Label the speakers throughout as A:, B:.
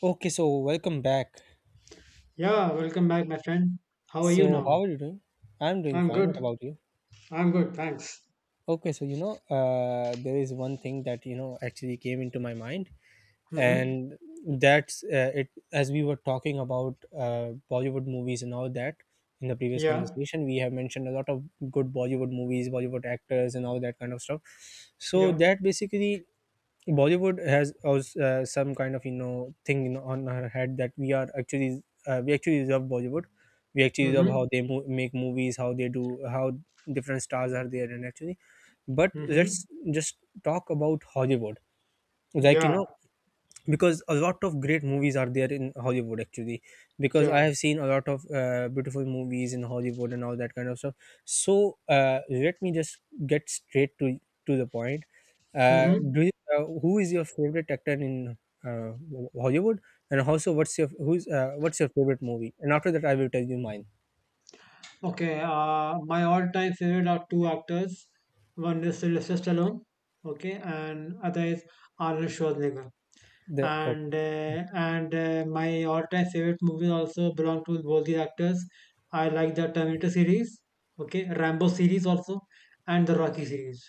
A: Okay, so welcome back.
B: Yeah, welcome back, my friend. How are you
A: So,
B: now?
A: how are you doing? I'm doing
B: I'm
A: fine. What
B: good.
A: about you?
B: I'm good, thanks.
A: Okay, so you know, there is one thing that you know actually came into my mind.
B: Mm-hmm.
A: And that's it as we were talking about bollywood movies and all that in the previous
B: Yeah,
A: conversation, we have mentioned a lot of good bollywood movies, bollywood actors and all that kind of stuff. So
B: yeah.
A: that basically bollywood has also some kind of you know thing in, on her head that we are actually love bollywood. We actually love how
B: Mm-hmm.
A: they make movies, how they do, how different stars are there and actually, but
B: Mm-hmm.
A: let's just talk about hollywood, like you
B: Yeah,
A: know, because a lot of great movies are there in hollywood actually, because I
B: yeah.
A: have seen a lot of beautiful movies in hollywood and all that kind of stuff. So let me just get straight to the point. uh,
B: Mm-hmm.
A: do you, who is your favorite actor in uh, hollywood, and also what's your favorite movie? And after that I will tell you mine.
B: Okay, my all-time favorite are two actors. One is Sylvester Stallone, okay, and other is Arnold Schwarzenegger.
A: The Okay.
B: And My all-time favorite movies also belong to both these actors. I like the Terminator series, okay, Rambo series also, and the Rocky series.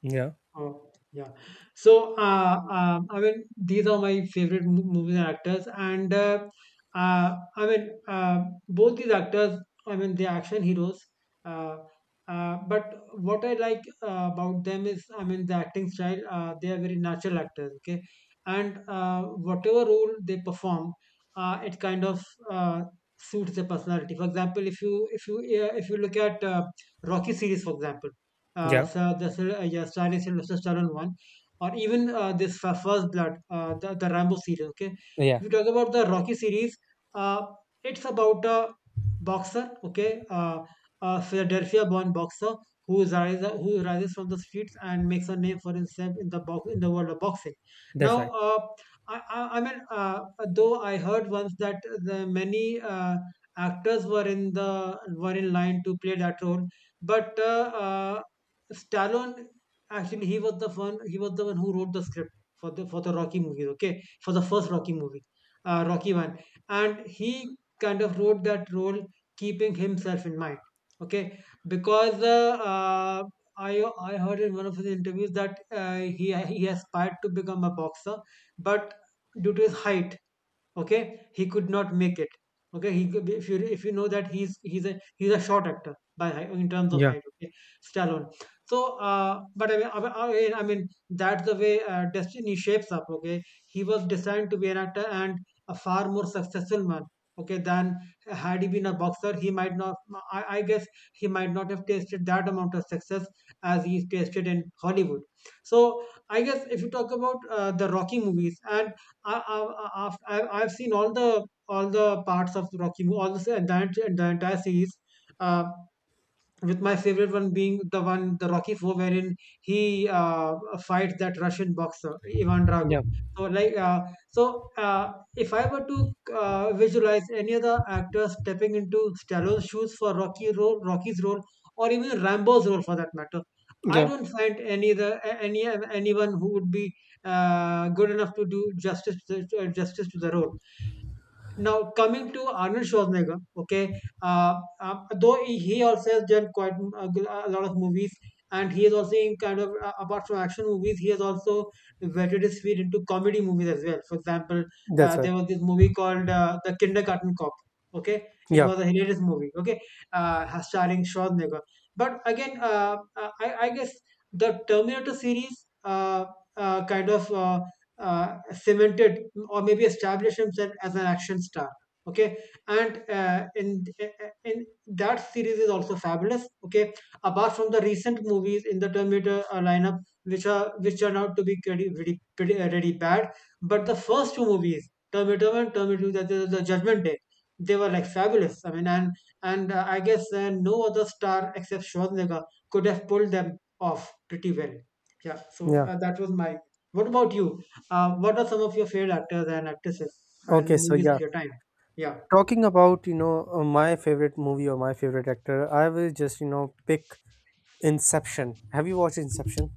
A: Yeah.
B: Oh, yeah. These are my favorite movies and actors, and I mean, both these actors, I mean, they're action heroes. Uh, but what I like about them is, I mean, the acting style. They are very natural actors, okay, and whatever role they perform, it kind of uh, suits their personality. For example, if you look at Rocky series, for example.
A: Yeah.
B: So the is yeah, Stylish and Lucius Channel One, or even this First Blood, the Rambo series. Okay, if
A: Yeah.
B: you talk about the Rocky series, uh, it's about a boxer. Okay, a Philadelphia-born boxer who rises from the streets and makes a name for himself in the world of boxing. Now,
A: That's right.
B: uh, I, I I mean, uh, though I heard once that the many actors were in the were in line to play that role but Stallone actually he was the one who wrote the script for the Rocky movies, okay? For the first Rocky movie, Rocky one, and he kind of wrote that role keeping himself in mind, okay? Because I I heard in one of his interviews that he aspired to become a boxer, but due to his height, okay, he could not make it. Okay, if you know that he's a short actor in terms of
A: Yeah.
B: height, okay, Stallone. So but I mean, I mean I mean, that's the way destiny shapes up. Okay, he was destined to be an actor and a far more successful man, okay, than, had he been a boxer, he might not, I guess, he might not have tasted that amount of success as he's tasted in Hollywood. So I guess if you talk about the Rocky movies, and I, I, I, I've seen all the parts of the Rocky, movie, all the entire series. Uh, with my favorite one being the Rocky Four, wherein he fights that Russian boxer Ivan Drago.
A: Yeah.
B: So like uh, so, if I were to visualize any other actor stepping into Stallone's shoes for Rocky role, Rocky's role, or even Rambo's role for that matter. I
A: Yeah.
B: don't find any the a- any anyone who would be good enough to do justice to the role. Now, coming to Arnold Schwarzenegger, okay, though he also has done a lot of movies, and he is also in kind of, apart from action movies, he has also wetted his feet into comedy movies as well. For example,
A: That's right.
B: there was this movie called The Kindergarten Cop. Okay, it
A: Yeah.
B: was a hilarious movie. Okay, starring Schwarzenegger. But again, I guess the Terminator series kind of cemented or maybe established himself as an action star. Okay, and in that series is also fabulous. Okay, apart from the recent movies in the Terminator lineup, which are which turned out to be pretty really bad, but the first two movies, Terminator One, Terminator Two, the Judgment Day, they were like fabulous. I mean, and I guess no other star except Schwarzenegger could have pulled them off pretty well.
A: Yeah.
B: That was my. What about you? What are some of your favorite actors and actresses and
A: Okay, so
B: movies of
A: yeah,
B: your time? Yeah.
A: talking about you know my favorite movie or my favorite actor, I will just you know pick Inception. Have you watched Inception?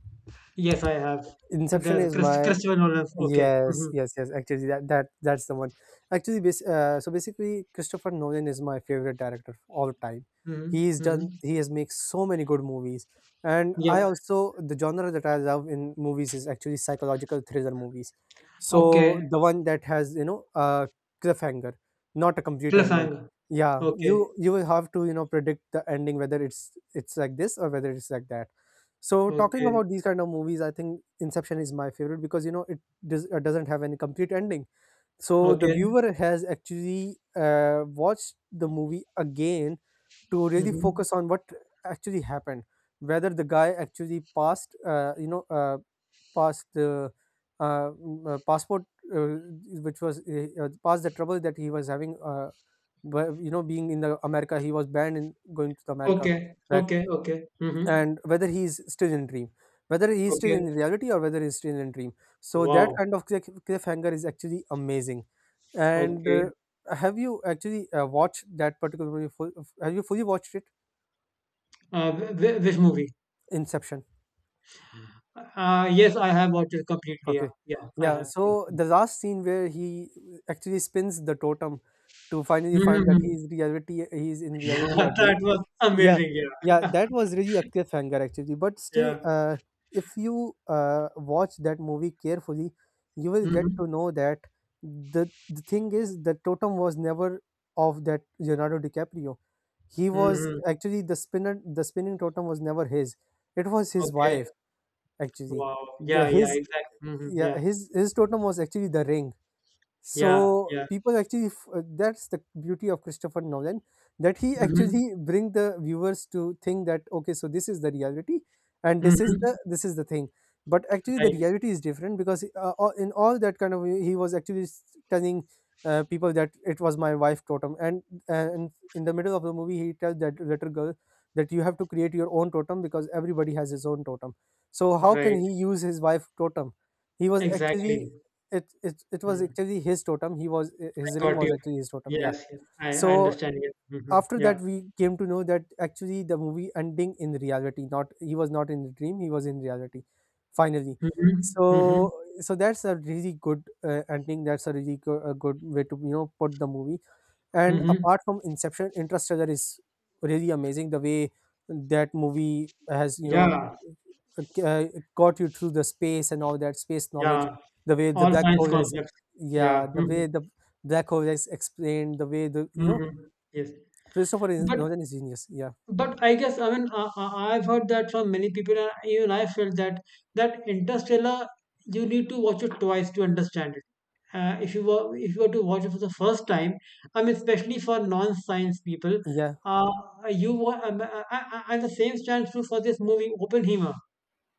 B: Yes, I have. And
A: Inception
B: there's
A: is my—
B: Christopher Nolan. Okay.
A: Yes,
B: Mm-hmm.
A: yes, yes. Actually, that that's the one. Actually, so basically, Christopher Nolan is my favorite director of all time. He's
B: Mm-hmm. Mm-hmm.
A: done. He has made so many good movies, and I
B: Yep.
A: also the genre that I love in movies is actually psychological thriller movies. So
B: Okay.
A: the one that has you know a cliffhanger, not a complete ending.
B: Cliffhanger.
A: Yeah,
B: Okay.
A: you will have to you know predict the ending, whether it's like this or whether it's like that. So talking
B: Okay.
A: about these kind of movies, I think Inception is my favorite because you know doesn't have any complete ending, so the
B: Okay.
A: viewer has actually watched the movie again to really
B: Mm-hmm.
A: focus on what actually happened. Whether the guy actually passed passed the passport, uh, which was past the trouble that he was having, but you know being in the america, he was banned in going to the america
B: Okay.
A: back,
B: Okay. Okay. Mm-hmm.
A: and whether he is still in dream, whether he is still
B: Okay.
A: in reality or whether he is still in dream. So that
B: Wow.
A: kind of cliffhanger is actually amazing. And
B: Okay.
A: have you actually watched that particular movie full, have you fully watched it?
B: Which movie?
A: Inception.
B: Yes, I have watched it completely. Yeah.
A: Okay,
B: Yeah, I
A: yeah,
B: have.
A: so
B: Yeah.
A: the last scene where he actually spins the totem to finally find that
B: Mm-hmm.
A: he is in
B: Yeah,
A: reality or
B: that
A: dream.
B: was
A: Yeah,
B: amazing. Yeah.
A: yeah, that was really Akshay Sankar actually. But still,
B: Yeah.
A: if you watch that movie carefully, you will get
B: Mm-hmm.
A: to know that the thing is the totem was never of that Leonardo DiCaprio. He was
B: Mm-hmm.
A: actually the spinner. The spinning totem was never his. It was his
B: Okay.
A: wife actually.
B: Wow.
A: The
B: Yeah, yeah,
A: his
B: exactly. Hmm.
A: yeah
B: Yeah,
A: His totem was actually the ring.
B: yeah,
A: So
B: yeah.
A: people actually that's the beauty of Christopher Nolan, that he
B: Hmm.
A: actually bring the viewers to think that okay, so this is the reality and this is
B: Hmm.
A: the thing, but actually the
B: Right,
A: reality is different, because in all that kind of way, he was telling people that it was my wife totem, and in the middle of the movie he tells that little girl that you have to create your own totem because everybody has his own totem. So how can
B: right.
A: he use his wife totem? He was actually
B: Exactly.
A: It was
B: Mm.
A: actually his totem. He was eh,
B: I
A: his ring
B: got
A: was
B: you.
A: actually his totem. Yeah.
B: Yes, yeah. I
A: So
B: understand. Yeah. Hmm.
A: after
B: Yeah.
A: that, we came to know that actually the movie ending in reality. Not— he was not in the dream. He was in reality. Finally.
B: Hmm. Hmm.
A: So so that's a really good ending. That's a really a good way to you know put the movie. And
B: Hmm.
A: apart from Inception, Interstellar is really amazing. The way that movie has, you know,
B: Yeah,
A: uh, uh, got you through the space and all that space knowledge,
B: yeah.
A: the way the
B: All
A: black
B: science
A: hole is,
B: concepts.
A: yeah,
B: Yeah.
A: the way
B: Hmm.
A: the black hole is explained, the way the, you know,
B: Hmm. Yes. But
A: Nolan is genius. Yeah.
B: But I guess I mean I've heard that from many people, and even I felt that Interstellar you need to watch it twice to understand it. If you were to watch it for the first time, I mean especially for non-science people,
A: Yeah.
B: uh, you wa- I- and the same stands true for this movie Oppenheimer.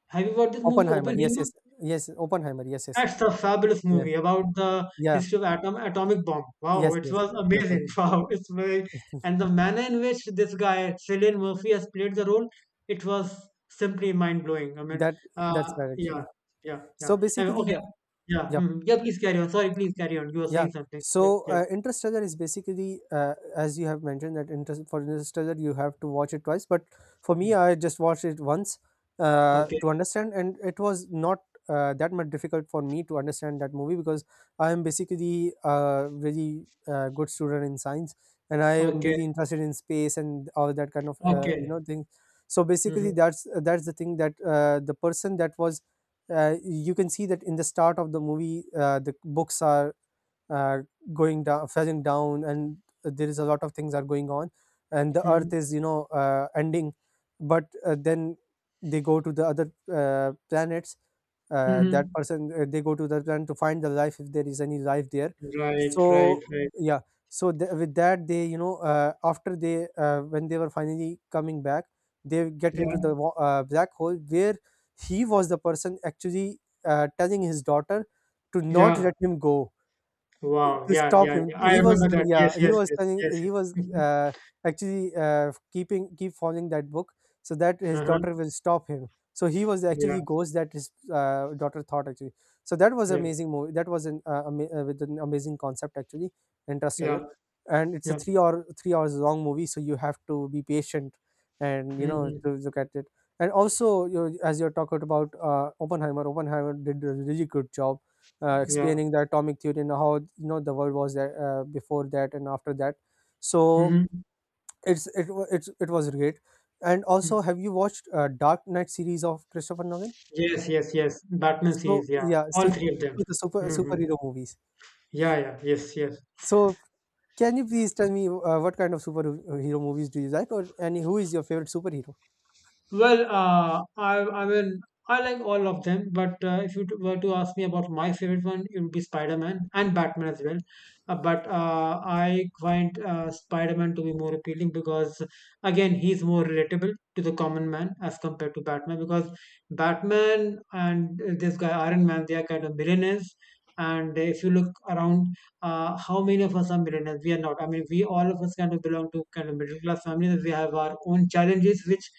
B: Have you watched this movie
A: Oppenheimer. Yes.
B: Oppenheimer?
A: Yes. Yes. Oppenheimer. Yes. Yes.
B: That's a fabulous
A: Yeah.
B: movie about the
A: Yeah.
B: history of atomic bomb. Wow,
A: Yes.
B: it
A: Yes.
B: was
A: Ripple.
B: amazing. Wow, it's very and the manner in which this guy Cillian Murphy has played the role, it was simply mind blowing. I mean,
A: That, that's right,
B: yeah,
A: actually.
B: yeah, yeah.
A: So
B: And
A: basically,
B: okay,
A: yeah.
B: yeah,
A: Yeah.
B: mhm, yeah. Please carry on. Sorry, please carry on. You were
A: Yeah.
B: saying something. Yeah,
A: So
B: yeah,
A: Interstellar is basically, as you have mentioned, that for Interstellar you have to watch it twice. But for me,
B: yeah.
A: I just watched it once
B: Okay,
A: to understand, and it was not that much difficult for me to understand that movie, because I am basically a really good student in science, and I am
B: okay,
A: really interested in space and all that kind of you know
B: okay.
A: thing. So basically,
B: Mm-hmm.
A: that's the thing that the person that was. You can see that in the start of the movie, the books are uh, going down, fetching down, and there is a lot of things are going on and the earth is you know ending, but then they go to the other planets. That
B: Mm-hmm.
A: person They go to the planet to find the life, if there is any life there.
B: Right,
A: So
B: right, right.
A: yeah, so with that, they you know after they when they were finally coming back, they get into
B: Yeah,
A: the black hole, where he was the person actually telling his daughter to not
B: yeah.
A: let him go,
B: Wow,
A: to
B: yeah,
A: stop
B: yeah,
A: him.
B: yeah. I
A: He
B: remember
A: was—
B: that.
A: yeah,
B: Yes,
A: he
B: yes,
A: was
B: yes,
A: telling,
B: yes,
A: he was
B: yes.
A: actually keep following that book so that his
B: Uh-huh.
A: daughter will stop him. So he was
B: Yeah,
A: actually ghost that his daughter thought actually. So that was
B: yeah,
A: amazing movie. That was an with an amazing concept actually,
B: yeah,
A: Interstellar, and it's a
B: yeah.
A: 3 hour 3 hours long movie. So you have to be patient and you know
B: Hmm.
A: to look at it. And also, you know, as you're talking about Oppenheimer, Oppenheimer did a really good job
B: Yeah.
A: explaining the atomic theory and how you know the world was that before that and after that. So
B: Hmm.
A: it's it wa- it's it was great. And also, have you watched Dark Knight series of Christopher Nolan?
B: Yes, yes, yes. Batman
A: So
B: series, yeah.
A: yeah,
B: All
A: so
B: three of them.
A: to the super
B: Hmm.
A: superhero movies.
B: Yeah, yeah, yes, yes.
A: So can you please tell me what kind of superhero movies do you like, or and who is your favorite superhero?
B: Well, I mean, I like all of them, but if you were to ask me about my favorite one, it would be Spider-Man and Batman as well. But I find Spider-Man to be more appealing because, again, he's more relatable to the common man as compared to Batman. Because Batman and this guy Iron Man, they are kind of millionaires. And if you look around, how many of us are millionaires? We are not. I mean, we all of us kind of belong to kind of middle class families. We have our own challenges, which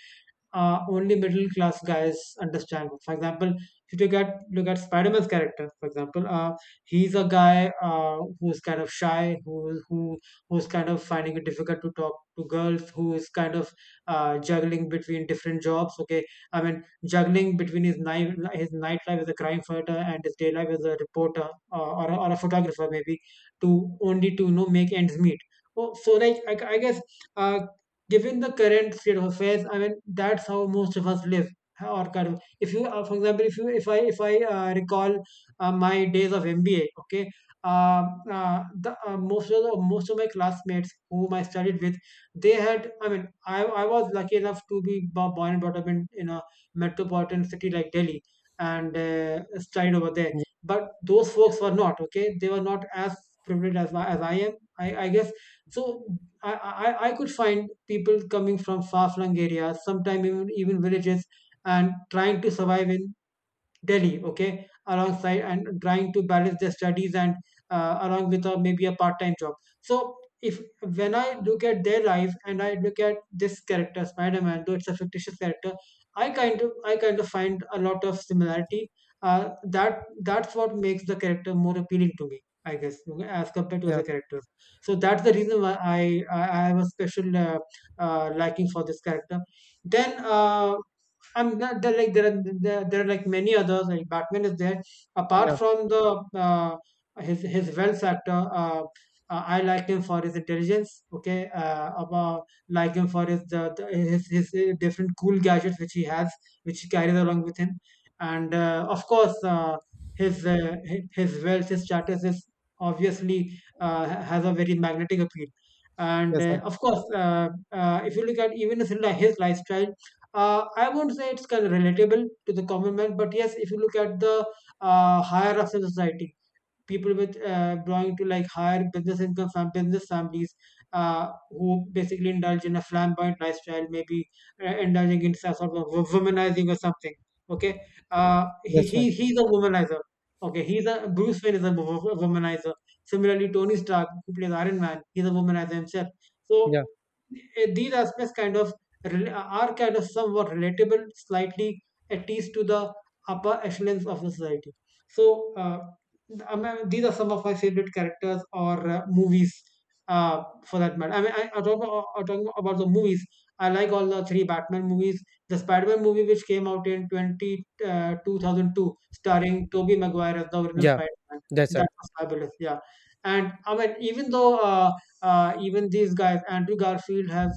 B: only middle class guys understand. For example, if you get look at Spider-Man's character, for example, he's a guy who's kind of shy, who's kind of finding it difficult to talk to girls, who is kind of juggling between different jobs. Okay, I mean juggling between his nightlife as a crime fighter and his day life as a reporter or a photographer maybe to only to you know make ends meet. Oh, so like I guess uh, given the current state of affairs, I mean that's how most of us live. Or kind of, if you, for example, if you, if I recall my days of MBA, okay, uh, the, most of the, most of my classmates whom I studied with, they had, I mean, I was lucky enough to born and brought up in a metropolitan city like Delhi and studied over there. But those folks were not okay. They were not as privileged as I am. I guess so. I could find people coming from far-flung areas, sometimes even, even villages, and trying to survive in Delhi, okay, alongside and trying to balance their studies and along with a, maybe a part-time job. So if when I look at their life and I look at this character, Spider-Man, though it's a fictitious character, I kind of find a lot of similarity. That's what makes the character more appealing to me, I guess, okay, as compared to other
A: Yeah,
B: characters. So that's the reason why I have a special liking for this character. Then I'm not, there like there are there, there are like many others. Like Batman is there. Apart
A: yeah,
B: from the his wealth factor, I like him for his intelligence. Okay, about like him for his the his different cool gadgets which he has, which he carries along with him, and of course his wealth, his status is obviously has a very magnetic appeal. And
A: that's
B: uh,
A: right.
B: of course, if you look at even his lifestyle, I won't say it's kind of relatable to the common man, but yes, if you look at the higher ups in society, people with belonging to like higher business income business families, who basically indulge in a flamboyant lifestyle, maybe indulging in some sort of womanizing or something. Okay. uh, he,
A: That's right.
B: he he's a womanizer. Okay, he's— a bruce Wayne is a womanizer. Similarly, Tony Stark, who plays Iron Man, he's a womanizer himself. So
A: Yeah,
B: these aspects kind of rel- are kind of somewhat relatable, slightly, at least to the upper echelons of the society. So, uh, I mean, these are some of my favorite characters or movies, for that matter. I mean, I talk about the movies. I like all the three Batman movies. The Spider-Man movie, which came out in 2002, starring Tobey Maguire as the original
A: yeah,
B: Spider-Man,
A: that's
B: that
A: right.
B: was fabulous. Yeah, and I mean, even though even these guys, Andrew Garfield, has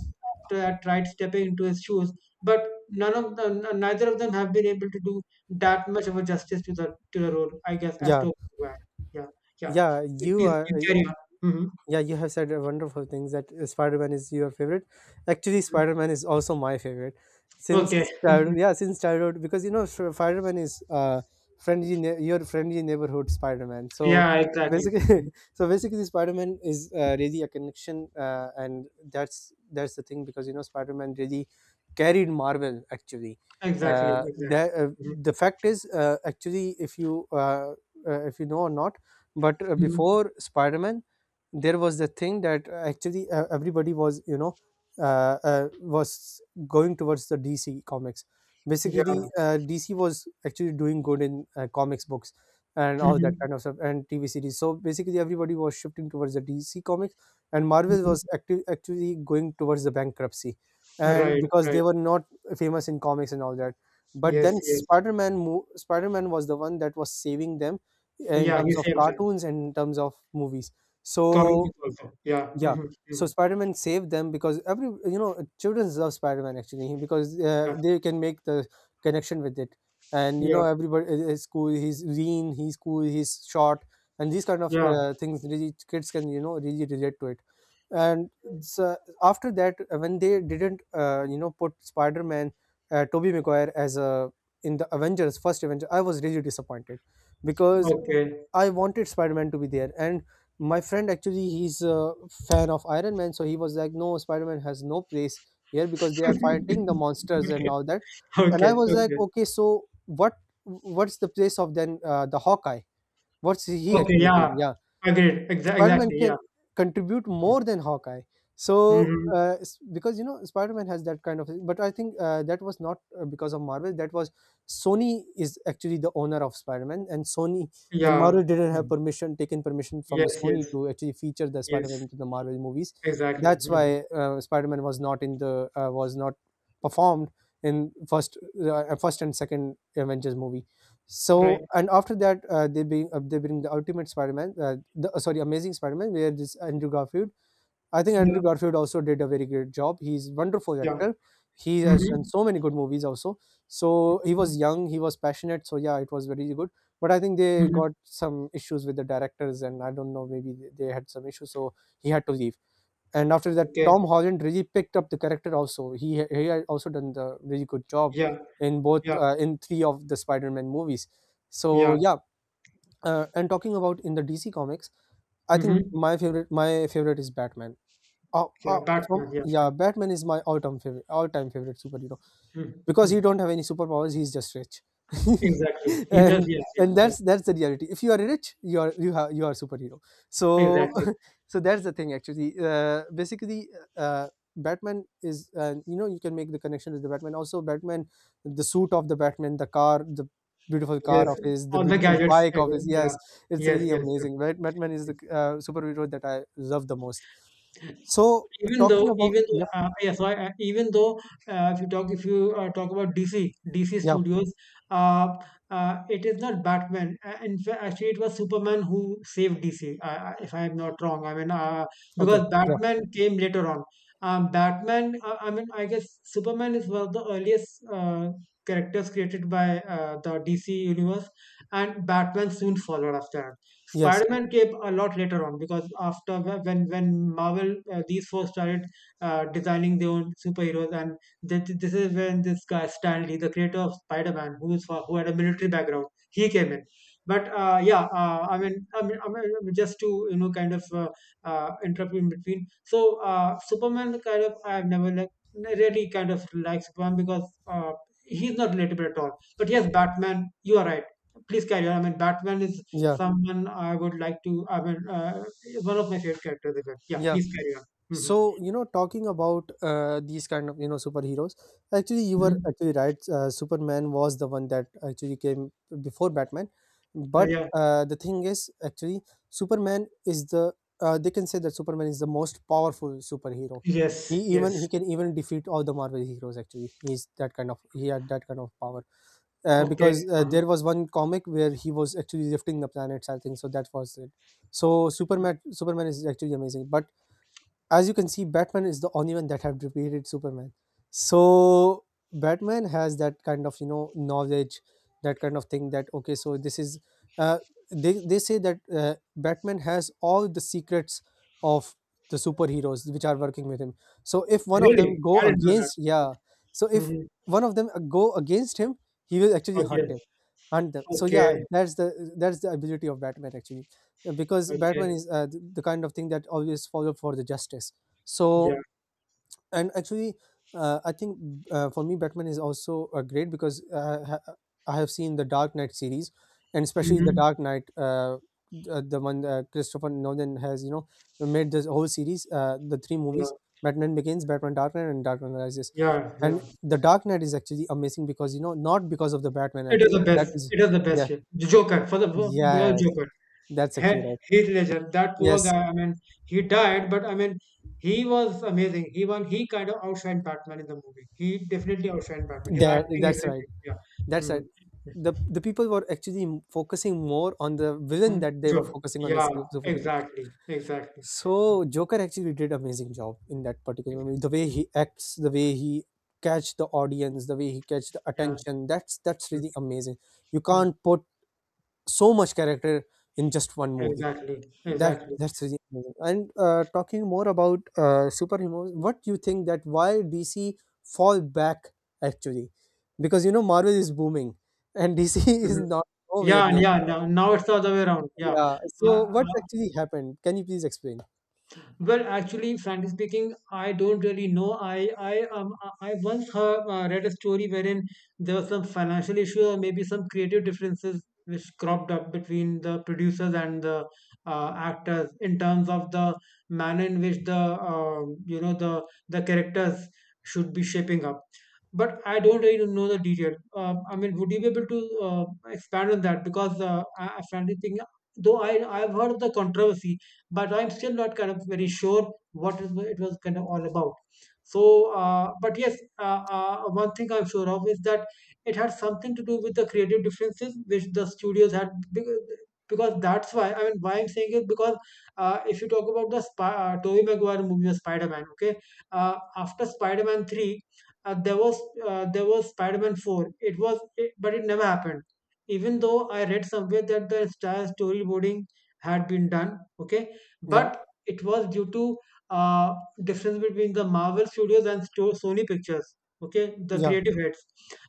B: tried stepping into his shoes, but none of the— neither of them have been able to do that much of a justice to the role, I guess, as
A: Yeah,
B: to where? Yeah, yeah.
A: yeah. You
B: Please,
A: are.
B: you carry on. Mhm,
A: Yeah, you have said a wonderful things that Spider-Man is your favorite. Actually,
B: mhm.
A: Spider-Man is also my favorite
B: Okay.
A: since child, yeah, since childhood because you know Spider-Man is uh— friendly your friendly neighborhood Spider-Man. So
B: Yeah, exactly. Mhm.
A: basically, so basically, Spider-Man is really a connection, and that's the thing, because you know Spider-Man really carried Marvel actually.
B: Exactly, exactly.
A: The
B: Mhm,
A: the fact is actually, if you know or not, but
B: mhm.
A: before Spider-Man, there was the thing that actually everybody was you know was going towards the DC comics.
B: Yeah.
A: Basically, DC was actually doing good in comics books and all that
B: Mhm,
A: kind of stuff and TV series. So basically, everybody was shifting towards the DC comics, and Marvel
B: mhm.
A: was active, actually going towards the bankruptcy, and
B: Right,
A: because
B: right.
A: they were not famous in comics and all that. But
B: Yes,
A: then
B: yes.
A: Spider Man was the one that was saving them in
B: Yeah, he
A: terms of
B: saved them.
A: cartoons and in terms of movies.
B: Comic
A: So
B: book also. Yeah.
A: yeah,
B: Hmm. Hmm.
A: so Spider-Man saved them because every you know children love Spider-Man actually, because
B: Yeah,
A: they can make the connection with it, and you
B: yeah,
A: know everybody is cool. He's lean, he's cool, he's short, and these kind of
B: yeah.
A: things, really kids can you know really relate to it. And so after that, when they didn't you know put Spider-Man, Tobey Maguire as a in the Avengers first Avenger, I was really disappointed because
B: Okay.
A: I wanted Spider-Man to be there, and my friend actually, he's a fan of Iron Man, so he was like, "No, Spider-Man has no place here because they are fighting the monsters and
B: Okay,
A: all that." And
B: okay,
A: I was like,
B: okay.
A: "Okay, so what? What's the place of then the Hawkeye? What's he
B: Okay,
A: actually
B: yeah.
A: doing?" Yeah,
B: Agreed.
A: Spider-Man
B: Exactly, yeah.
A: can contribute more than Hawkeye. So,
B: Hmm.
A: because you know Spider-Man has that kind of thing. But I think that was not because of Marvel. That was Sony is actually the owner of Spider-Man, and Sony and
B: Yeah.
A: Marvel didn't have
B: Mhm.
A: permission, taken permission from the
B: Yes,
A: Sony
B: yes,
A: to actually feature the Spider-Man
B: yes.
A: into the Marvel movies.
B: Exactly.
A: That's
B: Mhm.
A: why Spider-Man was not in the was not performed in first and second Avengers movie. So
B: Right.
A: and after that, they bring the Ultimate Spider-Man, the sorry, Amazing Spider-Man, where this Andrew Garfield. I think
B: Yeah.
A: Andrew Garfield also did a very great job. He's wonderful
B: Yeah.
A: actor. He has done
B: Mm-hmm.
A: so many good movies also. So he was young, he was passionate. So yeah, it was very good. But I think they
B: Mm-hmm.
A: got some issues with the directors, and I don't know, maybe they had some issues, so he had to leave. And after that,
B: Okay.
A: Tom Holland really picked up the character. Also, he had also done the really good job
B: Yeah.
A: in both
B: Yeah.
A: in three of the Spider-Man movies. So
B: Yeah.
A: yeah. And talking about in the DC comics, I think
B: Mm-hmm.
A: my favorite is Batman. uh,
B: Yeah.
A: uh, from
B: Batman. Yeah, yeah.
A: yeah, Batman is my all-time favorite superhero,
B: Mm-hmm.
A: because
B: Mm-hmm.
A: he don't have any superpowers. He's just rich.
B: Exactly. He just.
A: and
B: Yeah. Yeah.
A: and
B: Yeah.
A: that's the reality. If you are rich, you are, you have, you are superhero. So
B: Exactly.
A: so that's the thing actually, basically uh, Batman is, you know, you can make the connection with the Batman also. Batman, the suit of the Batman, the car, the beautiful car
B: Yes.
A: of his, the
B: All the
A: beautiful
B: gadgets.
A: bike of his,
B: Again. Yeah.
A: yes, it's
B: Yes.
A: really
B: Yes,
A: amazing, right? Batman is the superhero that I love the most.
B: sir.
A: So
B: Even though,
A: talking about,
B: even though,
A: yeah,
B: yeah, so, even though, if you talk about DC, DC
A: yeah,
B: Studios, uh, it is not Batman. In fact, actually, it was Superman who saved DC, if I am not wrong. I mean,
A: okay,
B: because
A: yeah,
B: Batman came later on. Batman. I mean, I guess Superman is one of the earliest characters created by the DC universe, and Batman soon followed after.
A: yes,
B: Spider-Man came a lot later on because when Marvel, these four started designing their own superheroes, and this is when this guy Stan Lee, the creator of Spider-Man, who had a military background, he came in. But yeah, I mean, just to kind of interrupt in between. So, Superman, kind of, I've never really kind of like Superman because he's not relatable at all. But yes, Batman, you are right, please carry on. I mean, Batman is
A: yeah,
B: someone I would like to. I mean, is one of my favorite characters as well. Yeah,
A: yeah.
B: please carry on. Hmm.
A: So, you know, talking about these kind of, you know, superheroes, actually, you were
B: Hmm.
A: actually right. Superman was the one that actually came before Batman. But
B: Yeah.
A: the thing is, actually, Superman is the, they can say that Superman is the most powerful superhero.
B: Yes. Yes.
A: He can even defeat all the Marvel heroes, actually. He's that kind of, he had that kind of power. Because
B: Okay. Mhm.
A: There was one comic where he was actually lifting the planets, I think. So that was it. So Superman is actually amazing. But as you can see, Batman is the only one that have defeated Superman. So Batman has that kind of, you know, knowledge, that kind of thing. That okay, so this is uh, they say that Batman has all the secrets of the superheroes which are working with him. So if one of them
B: Really,
A: go
B: I didn't know that.
A: against,
B: Okay.
A: yeah, so if
B: Mhm.
A: one of them go against him, he will actually hunt
B: Okay.
A: him, hunt them. So yeah,
B: Okay.
A: that's the ability of Batman, actually, because Batman
B: Okay.
A: is the kind of thing that always follow for the justice. So
B: Yeah.
A: and actually, I think for me Batman is also great because I have seen the Dark Knight series, and especially the
B: Hmm.
A: Dark Knight, the one Christopher Nolan has, you know, made this whole series, the three
B: Yeah.
A: movies: Batman Begins, Batman Dark Knight, and Dark Knight Rises.
B: Yeah.
A: And
B: Yeah.
A: the
B: Yeah.
A: Dark Knight is actually amazing because, you know, not because of the Batman
B: It is the
A: actually that
B: best.
A: is,
B: It is the
A: yeah,
B: best. Yeah. The Joker, for the
A: yes,
B: Joker.
A: that's actually right,
B: Heath Ledger, that poor guy.
A: yes.
B: I mean, he died, but I mean, he was amazing. He won. He kind of outshined Batman in the movie. He definitely outshined Batman. His
A: That
B: acting,
A: that's right.
B: everything. Yeah.
A: That's
B: Hmm.
A: right. The people were actually m- focusing more on the villain
B: And
A: that they were
B: Joe.
A: focusing on the
B: Yeah.
A: su- superhero.
B: Exactly. Exactly.
A: So Joker actually did amazing job in that particular movie. The way he acts, the way he catch the audience, the way he catch the
B: Yeah.
A: attention. That's really amazing. You
B: Mm,
A: can't put so much character in just one movie.
B: Exactly.
A: That
B: Exactly.
A: that's really amazing. And talking more about superheroes, what do you think that why DC fall back actually? Because you know Marvel is booming, and DC is
B: Mhm.
A: not nowhere
B: Yeah, and
A: near.
B: yeah. Now it's the other way around. Yeah.
A: Yeah.
B: Uh, uh,
A: So what's actually happened? Can you please explain?
B: Well, actually, frankly speaking, I don't really know. I once heard, read a story wherein there was some financial issue or maybe some creative differences which cropped up between the producers and the actors in terms of the manner in which the um you know the the characters should be shaping up. But I don't really know the detail. I mean, would you be able to uh, expand on that? Because I frankly speaking, though I've heard of the controversy, but I'm still not kind of very sure what it was kind of all about. So, but yes, one thing I'm sure of is that it had something to do with the creative differences which the studios had. Because that's why, I mean, why I'm saying is because, if you talk about the Tobey Maguire movie of Spider-Man. Okay, after Spider-Man 3, uh, there was there was Spider-Man 4. But it never happened. Even though I read somewhere that the entire storyboarding had been done. Okay,
A: Yeah.
B: but it was due to uh, difference between the Marvel Studios and Sony Pictures. Okay, the
A: Yeah.
B: creative heads.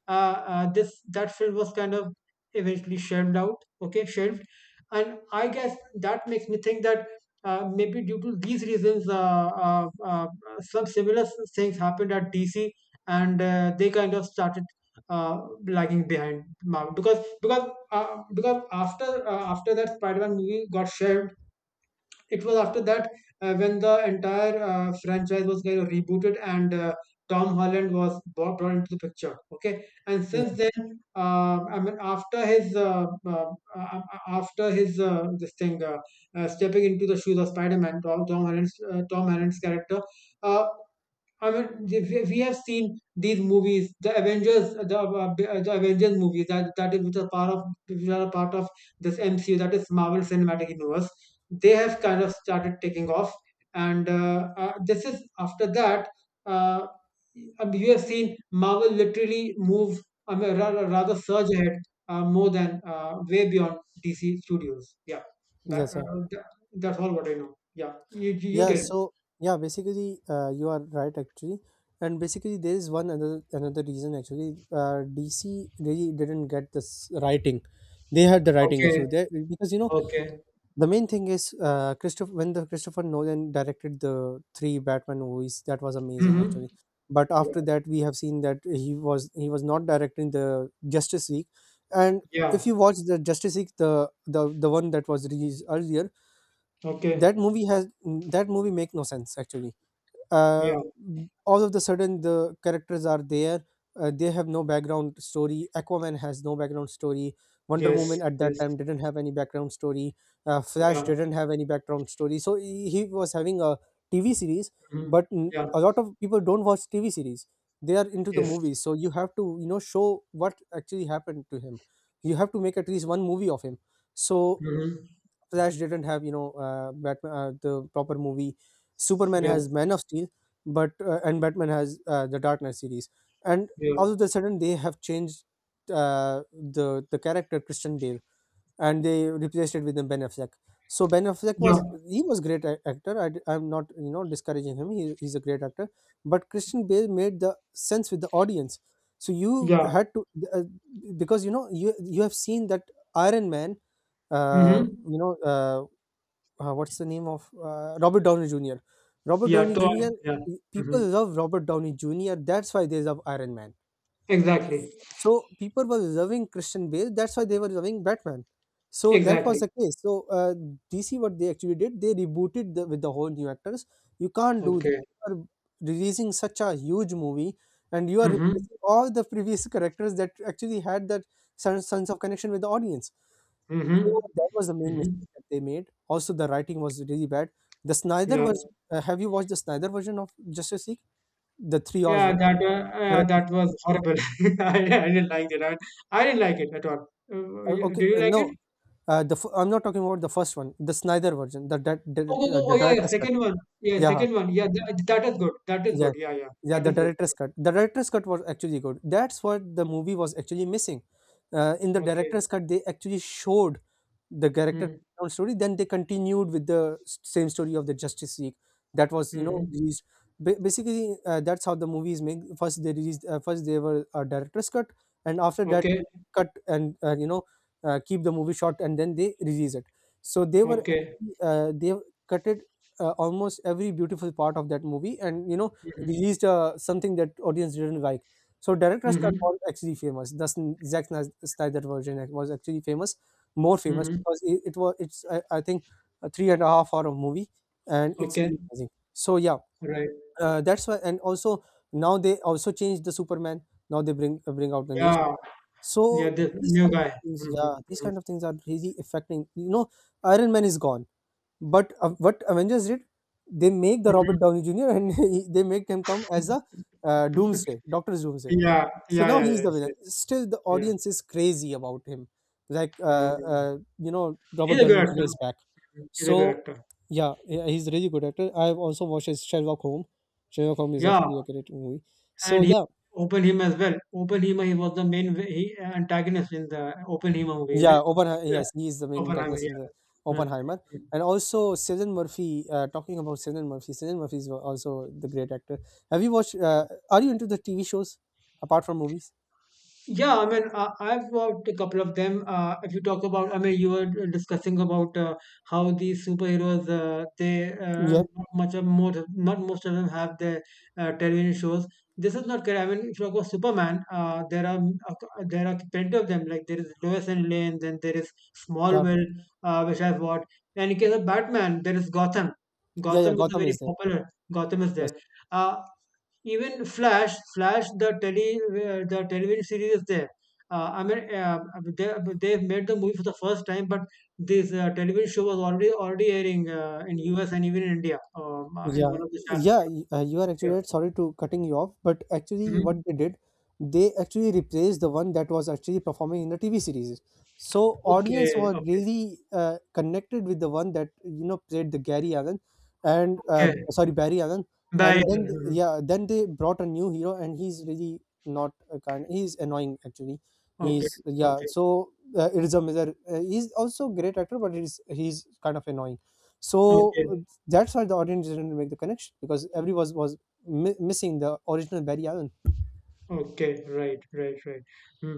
B: Uh, this that film was kind of eventually shelved out. Okay, shelved. And I guess that makes me think that, maybe due to these reasons, uh, uh, some similar things happened at DC, and they kind of started uh, lagging behind Marvel because after that Spider-Man movie got shelved, it was after that, when the entire franchise was kind of rebooted and Tom Holland was brought into the picture. Okay, and
A: Yeah.
B: since then, I mean, after his this thing stepping into the shoes of Spider-Man, Tom Holland's character. Uh, I mean, if we have seen these movies, the Avengers, the Avengers movies, that that is which are a part of this MCU, that is Marvel Cinematic Universe. They have kind of started taking off. And this is after that. Uh, I mean, you have seen Marvel literally move, I mean, rather surge ahead, more than— way beyond DC Studios. Yeah, that,
A: Yes, sir.
B: uh, that, that's all what I know. Yeah, you
A: Yeah,
B: tell.
A: so yeah, basically, you are right actually, and basically there is one other another reason actually. DC really didn't get this writing; they had the writing
B: Okay,
A: issue there because, you know,
B: okay.
A: the main thing is, Christopher when the Christopher Nolan directed the three Batman movies, that was amazing
B: Hmm.
A: actually. But
B: Yeah.
A: after that, we have seen that he was not directing the Justice League, and
B: Yeah.
A: if you watch the Justice League, the one that was released earlier,
B: Okay.
A: that movie has that movie make no sense actually. uh,
B: Yeah.
A: all of the sudden the characters are there. They have no background story. Aquaman has no background story. Wonder
B: Yes.
A: Woman at that
B: Yes.
A: time didn't have any background story. Flash
B: Yeah.
A: didn't have any background story, so he was having a TV series,
B: Hmm.
A: but
B: Yeah.
A: a lot of people don't watch TV series. They are into the
B: Yes.
A: movies, so you have to, you know, show what actually happened to him. You have to make at least one movie of him. So
B: Hmm.
A: Flash didn't have, you know, Batman the proper movie. Superman
B: Yeah.
A: has Man of Steel, but and Batman has the Dark Knight series. And
B: Yeah.
A: all of a sudden they have changed uh, the character Christian Bale and they replaced it with Ben Affleck. So Ben Affleck
B: Yeah.
A: was, he was great a- actor. I am not, you know, discouraging him. He, he's a great actor, but Christian Bale made the sense with the audience. So you
B: Yeah.
A: had to uh, because, you know, you have seen that Iron Man, uh,
B: Hmm.
A: you know, uh, what's the name of Robert Downey Jr. Robert
B: Yeah.
A: Downey
B: Toy.
A: Jr.
B: Yeah.
A: People
B: Hmm.
A: love Robert Downey Jr. That's why they love Iron Man.
B: Exactly.
A: So people were loving Christian Bale. That's why they were loving Batman. So that was
B: Exactly.
A: the case. So DC, what they actually did, they rebooted the, with the whole new actors. You can't do that.
B: Okay.
A: You are releasing such a huge movie, and you are
B: Hmm.
A: replacing all the previous characters that actually had that sense, sense of connection with the audience.
B: Hmm.
A: So that was the main
B: Hmm.
A: mistake that they made. Also, the writing was really bad. The Snyder
B: Yeah.
A: version. Have you watched the Snyder version of Justice League? The 3 hours
B: Yeah.
A: one.
B: That uh,
A: The
B: uh,
A: director's
B: that was horrible. I, I didn't like it. I didn't like it at all.
A: cut.
B: Yeah. Did
A: Okay,
B: you like
A: no.
B: it?
A: I'm not talking about the first one. The Snyder version.
B: Oh, oh, oh,
A: The
B: oh, yeah, yeah.
A: director's cut.
B: Second one. Yeah.
A: Yeah, huh,
B: Second one. Yeah. That is good. That is good.
A: yeah,
B: Yeah. Yeah.
A: yeah.
B: That
A: The
B: is good.
A: director's cut. The director's cut was actually good. That's what the movie was actually missing. In the
B: Okay.
A: director's cut, they actually showed the character
B: Mhm.
A: background story, then they continued with the same story of the Justice League that was, you know,
B: Mhm.
A: released. Basically, that's how the movies make. First they were a director's cut, and after that they
B: Okay.
A: cut and, keep the movie short, and then they release it. So they were
B: Okay.
A: actually, they cut it almost every beautiful part of that movie, and, you know,
B: Mhm.
A: released something that audience didn't like. So director's cut
B: Mhm.
A: was actually famous. The Zack Snyder version was actually famous, more famous,
B: Mhm.
A: because it was it's I think a three and a half hour of movie, and it's
B: Okay.
A: really amazing. So yeah,
B: Right.
A: that's why. And also now they also changed the Superman. Now they bring out the news.
B: Yeah.
A: So
B: Yeah. The
A: these
B: new
A: kind of
B: guy.
A: things,
B: Mm-hmm.
A: yeah, these
B: Mm-hmm.
A: kind of things are really affecting, you know. Iron Man is gone, but what Avengers did, they make the Robert
B: Hmm.
A: Downey Jr. and they make him come as a doomsday Doctor Doomsday.
B: Yeah.
A: So
B: Yeah.
A: now
B: Yeah. Yeah.
A: he's the
B: Yes,
A: villain.
B: yes.
A: Still the
B: Yeah.
A: audience is crazy about him, like,
B: Mhm.
A: you know, Robert
B: He's a good
A: Downey
B: actor.
A: Jr. is back.
B: Mhm. He's a good
A: So
B: actor.
A: yeah, he's a really good actor. I've also watched his Sherlock Holmes. Sherlock Holmes is
B: Yeah.
A: actually a great movie. So
B: And he
A: yeah,
B: opened him as well. Oppenheimer. He was the main antagonist in the Oppenheimer movie. Is it?
A: yeah, open,
B: Yeah.
A: yes, he is the main
B: Oppenheimer.
A: antagonist in
B: Yeah.
A: the Oppenheimer. And also Cillian Murphy, talking about Cillian Murphy, Cillian Murphy is also the great actor. Have you watched
B: Yeah,
A: are you into the TV shows apart from movies?
B: Yeah, I mean, I've watched a couple of them. If you talk about— I mean, you were discussing about how these superheroes, they
A: Yeah,
B: not most of them have their television shows. This is not correct. I mean, if you talk about Superman, there are plenty of them. Like there is Lois and Lane, then there is
A: yeah,
B: Smallville, which I've watched. And in case of Batman, there is Gotham.
A: yeah, yeah,
B: Gotham is a
A: Gotham
B: very
A: is there.
B: popular. Gotham is
A: Yes.
B: there. Uh, Even flash flash the tele where the television series is there. I mean, they, they've made the movie for the first time, but this television show was already airing in US and even in India, in
A: Yeah,
B: one of the channels. Yeah,
A: you are actually
B: yeah.
A: right. Sorry to cutting you off, but actually, what
B: Mhm.
A: they did, they actually replaced the one that was actually performing in the TV series. So audience
B: Okay,
A: was
B: okay,
A: really connected with the one that, you know, played the Gary Allen, and
B: okay.
A: sorry, Barry Allen,
B: Bye.
A: and
B: Mhm.
A: yeah, then they brought a new hero, and he's really not a kind. He's annoying actually.
B: Okay,
A: He's yeah.
B: okay,
A: So Iriza Miller, he's also a great actor, but he's kind of annoying. So
B: okay.
A: that's why the audience didn't make the connection because everyone was missing the original Barry Allen.
B: Okay, right, right, right. Hmm.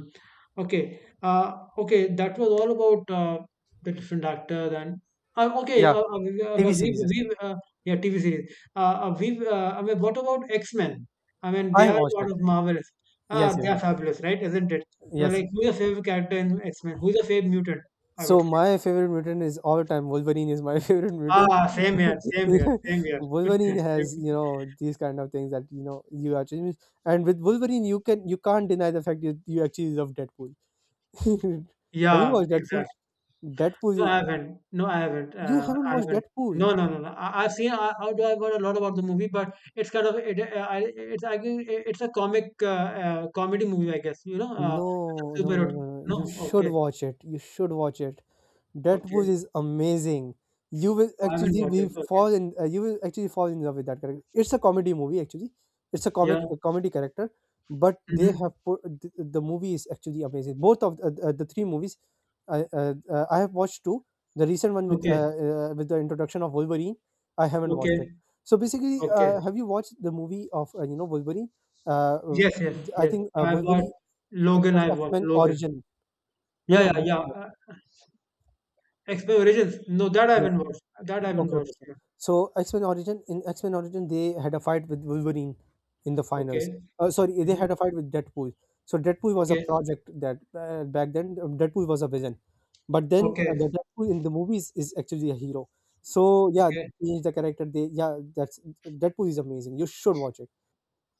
B: Okay, okay, that was all about the different actors and okay,
A: Yeah, TV series.
B: we yeah, TV series. I mean, what about X-Men? I mean,
A: I
B: they
A: have
B: are
A: watched
B: part
A: it.
B: of Marvelous.
A: Yes,
B: Ah, they
A: yes,
B: are
A: yes,
B: fabulous, right? Isn't it? So,
A: yes.
B: like, who's your favorite character in X-Men? Who's your favorite mutant? I
A: So
B: would.
A: my favorite mutant is all time Wolverine is my favorite mutant.
B: Ah, same here, same here, same here.
A: Wolverine
B: Same.
A: has you know these kind of things that you know you are changing, and with Wolverine you can't deny the fact you actually love Deadpool. Have you
B: Yeah,
A: watched Deadpool?
B: exactly. No,
A: Deadpool,
B: I haven't. No, I haven't.
A: you haven't
B: I
A: watched
B: haven't.
A: Deadpool.
B: No, no, no, no. I've seen. I, although I've heard a lot about the movie, but it's kind of it. I think it's a comic comedy movie, I guess. You know,
A: No, no, no,
B: superhero.
A: no, no.
B: No,
A: You should
B: okay,
A: watch it. You should watch it. That Deadpool
B: okay.
A: is amazing.
B: I haven't watched it. Okay,
A: You will actually fall in love with that character. It's a comedy movie actually. It's
B: yeah.
A: a comedy character, but they
B: Hmm.
A: have put the movie is actually amazing. Both of the three movies, I have watched two. The recent one
B: Okay,
A: with the introduction of Wolverine, I haven't watched it.
B: okay,
A: So basically,
B: okay.
A: have you watched the movie of you know Wolverine? Uh, uh,
B: Yes, yes,
A: I
B: yes.
A: think
B: I've watched
A: Wolverine. It
B: Logan.
A: was
B: I've
A: X
B: watched
A: Men
B: Logan.
A: Origin. No,
B: Yeah,
A: no,
B: yeah, yeah.
A: before that.
B: X-Men Origins. No, that I haven't watched. That I haven't
A: Okay, okay,
B: watched.
A: sir.
B: Yeah.
A: So X-Men Origin in X-Men Origin they had a fight with Wolverine in the finals.
B: Okay.
A: Sorry, they had
B: Hmm.
A: a fight with Deadpool. So Deadpool was a
B: Okay.
A: project that back then Deadpool was a villain, but then
B: Okay.
A: the Deadpool in the movies is actually a hero. So yeah,
B: Okay.
A: he's the character. They yeah, that's Deadpool is amazing. You should watch it.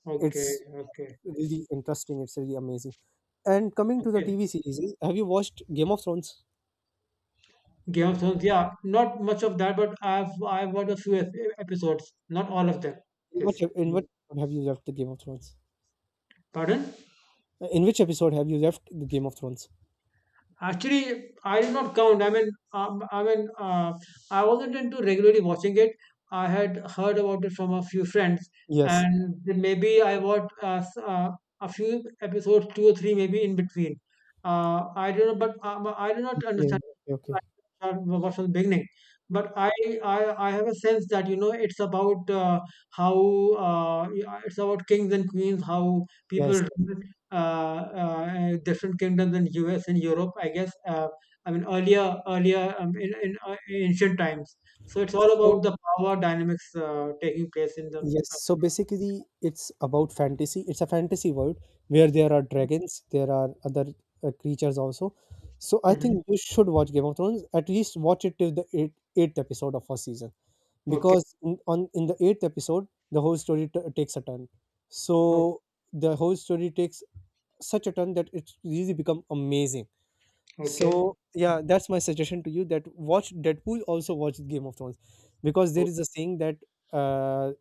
B: Okay,
A: It's
B: okay,
A: really interesting. It's really amazing. And coming to the
B: okay.
A: TV series, have you watched Game of Thrones?
B: Game of Thrones, yeah, not much of that, but I've watched a few episodes, not all of them.
A: In what
B: Yes.
A: in
B: Mhm.
A: what episode have you left the Game of Thrones?
B: Pardon?
A: In which episode have you left the Game of Thrones?
B: Actually, I did not count. I mean, I wasn't into regularly watching it. I had heard about it from a few friends,
A: Yes.
B: and then maybe I watched a few episodes, two or three, maybe in between. I don't know, but I do not
A: Okay.
B: understand,
A: Okay. Okay.
B: what from the beginning. But I have a sense that you know it's about how uh, it's about kings and queens, how people
A: Yes. Yes.
B: uh, different kingdoms in US and Europe, I guess. I mean, earlier, in ancient times. So it's all
A: So
B: about the power dynamics taking place in the.
A: yes. So basically, it's about fantasy. It's a fantasy world where there are dragons, there are other creatures also. So I
B: Mhm.
A: think you should watch Game of Thrones. At least watch it till the eighth episode of first season,
B: Okay.
A: because in, on in the eighth episode, the whole story t- takes a turn.
B: o-
A: So the whole story takes such a turn that it's really become amazing.
B: Okay.
A: So yeah, that's my suggestion to you that watch Deadpool, also watch Game of Thrones, because
B: Oh,
A: there is a saying that uh,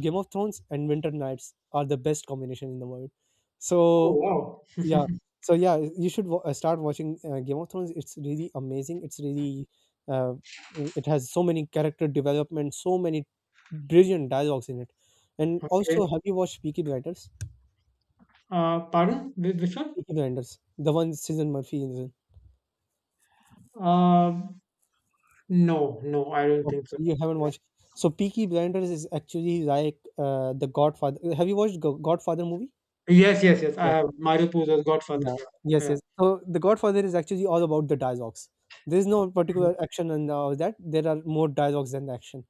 A: Game of Thrones and Winter Nights are the best combination in the world.
B: oh,
A: So
B: wow.
A: yeah, so yeah, you should start watching Game of Thrones. It's really amazing. It's really uh, it has so many character development, so many brilliant dialogues in it. And
B: Okay.
A: also, have you watched Peaky Blinders?
B: Pardon? Which one?
A: Peaky Blinders, the one Susan Murphy is in.
B: Um, no, no, I don't
A: Okay,
B: think
A: so
B: so.
A: you haven't
B: Yeah.
A: watched. So Peaky Blinders is actually like the Godfather. Have you watched Godfather movie?
B: Yes, yes, yes. I
A: Yeah,
B: have Mario Puzo's Godfather.
A: yeah,
B: Yeah,
A: yes,
B: yeah.
A: yes. So the Godfather is actually all about the dialogues. There is no particular action and all that. There are more dialogues than action.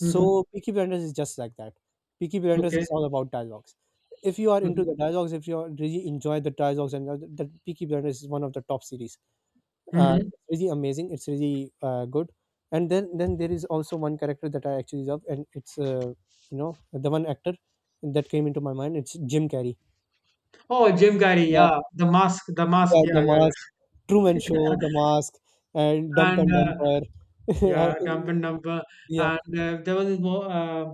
B: Mm-hmm.
A: Peaky Blinders is just like that. Peaky Blinders
B: Okay.
A: is all about dialogues. If you are into
B: Mm-hmm.
A: the dialogues, if you are really enjoy the dialogues, and all that that Peaky Blinders is one of the top series
B: Mm-hmm.
A: it's really amazing, it's really good, and then there is also one character that I actually love, and it's you know the one actor that came into my mind, it's Jim Carrey.
B: Oh, Jim Carrey.
A: Yeah,
B: Yeah, the Mask. The Mask.
A: yeah,
B: Yeah,
A: the
B: yeah,
A: mask,
B: yeah.
A: Truman Show, the mask, and Dump
B: And
A: and
B: uh,
A: Dumper.
B: yeah, Dumb and Dumber,
A: Yeah,
B: and there was this more,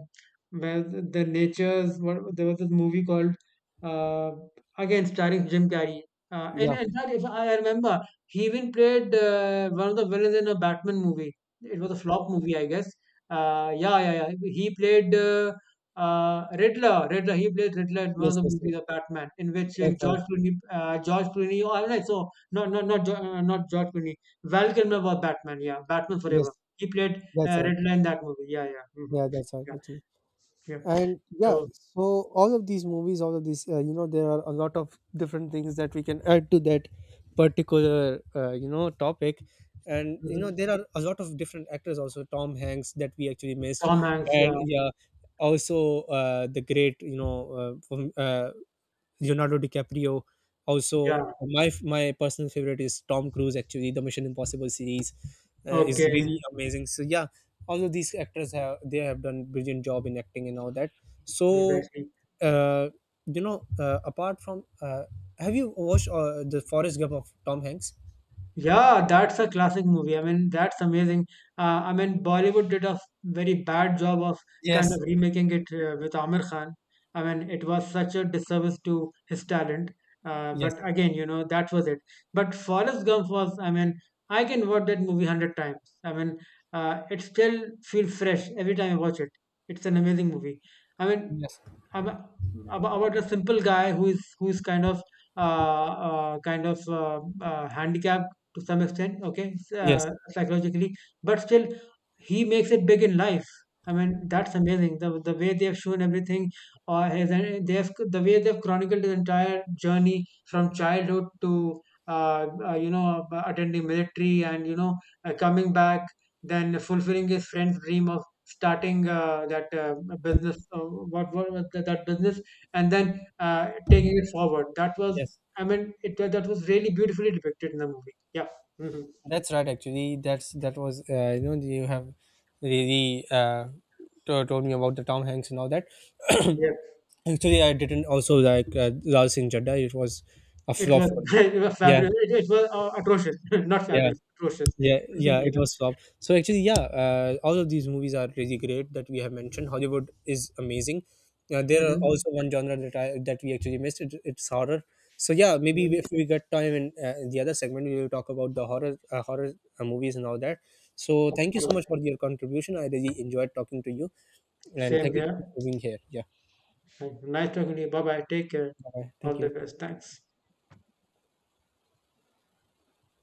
B: where the nature's what there was this movie called, uh, again starring Jim Carrey. And
A: yeah,
B: in fact, if I remember, he even played one of the villains in a Batman movie. It was a flop movie, I guess. Yeah, yeah, yeah. He played Riddler. Riddler. He played Riddler in one of
A: yes,
B: the
A: yes,
B: movies
A: yes,
B: of Batman, in which
A: that's right,
B: George Clooney, George Clooney. Oh, I don't know. So not George Clooney. Val Kilmer was Batman. Yeah, Batman
A: yes,
B: Forever. He played
A: that's right,
B: Riddler in that movie. Yeah, yeah, hmm,
A: yeah, that's right
B: yeah,
A: actually.
B: yeah.
A: And yeah,
B: So.
A: so all of these movies, all of these you know there are a lot of different things that we can add to that particular you know topic. And you know
B: Mhm.
A: there are a lot of different actors also, Tom Hanks, that we actually missed.
B: Tom Hanks.
A: And
B: Yeah,
A: yeah, also the great you know Leonardo DiCaprio. Also,
B: yeah.
A: my personal favorite is Tom Cruise. Actually, the Mission Impossible series is
B: Okay,
A: really amazing. So yeah, all of these actors have they have done brilliant job in acting and all that. So,
B: exactly.
A: uh, you know, uh, apart from, uh, have you watched the Forrest Gump of Tom Hanks?
B: Yeah, that's a classic movie. I mean, that's amazing. I mean, Bollywood did a very bad job of kind of
A: Yes,
B: remaking it with Amir Khan. I mean, it was such a disservice to his talent.
A: yes,
B: But again, you know, that was it. But Forrest Gump was, I mean, I can watch that movie 100 times. I mean, it still feels fresh every time I watch it. It's an amazing movie. I mean,
A: yes,
B: ab- about a simple guy who is kind of handicapped to some extent, okay,
A: yes,
B: psychologically, but still he makes it big in life. I mean, that's amazing. The way they have shown everything, or his, they have, the way they have chronicled his entire journey from childhood to, you know, attending military, and you know, coming back, then fulfilling his friend's dream of starting that business. What was that, business, and then taking it forward. That was.
A: yes.
B: I mean, it that was really beautifully depicted in the movie. Yeah. Hmm.
A: That's right. Actually, that was you know you have really told me about the Tom Hanks and all that.
B: Yeah.
A: Actually, I didn't also like Lal Singh Chadda. It was a
B: It
A: flop
B: was
A: for me.
B: it was
A: Yeah,
B: fabulous. It was atrocious, not
A: yeah,
B: fabulous, atrocious.
A: yeah, yeah.
B: yeah.
A: It was flop. So actually, yeah, all of these movies are really great that we have mentioned. Hollywood is amazing. There are
B: Hmm.
A: also one genre that I that we actually missed. It's horror. So yeah, maybe
B: Hmm.
A: if we get time in the other segment, we will talk about the horror movies and all that. So
B: Of
A: thank you so
B: course.
A: much for your contribution. I really enjoyed talking to you, and
B: Same
A: thank you so much
B: here.
A: for being here. Yeah,
B: Nice talking to you. Bye bye. Take care.
A: bye.
B: All
A: Thank
B: the
A: you.
B: best. Thanks.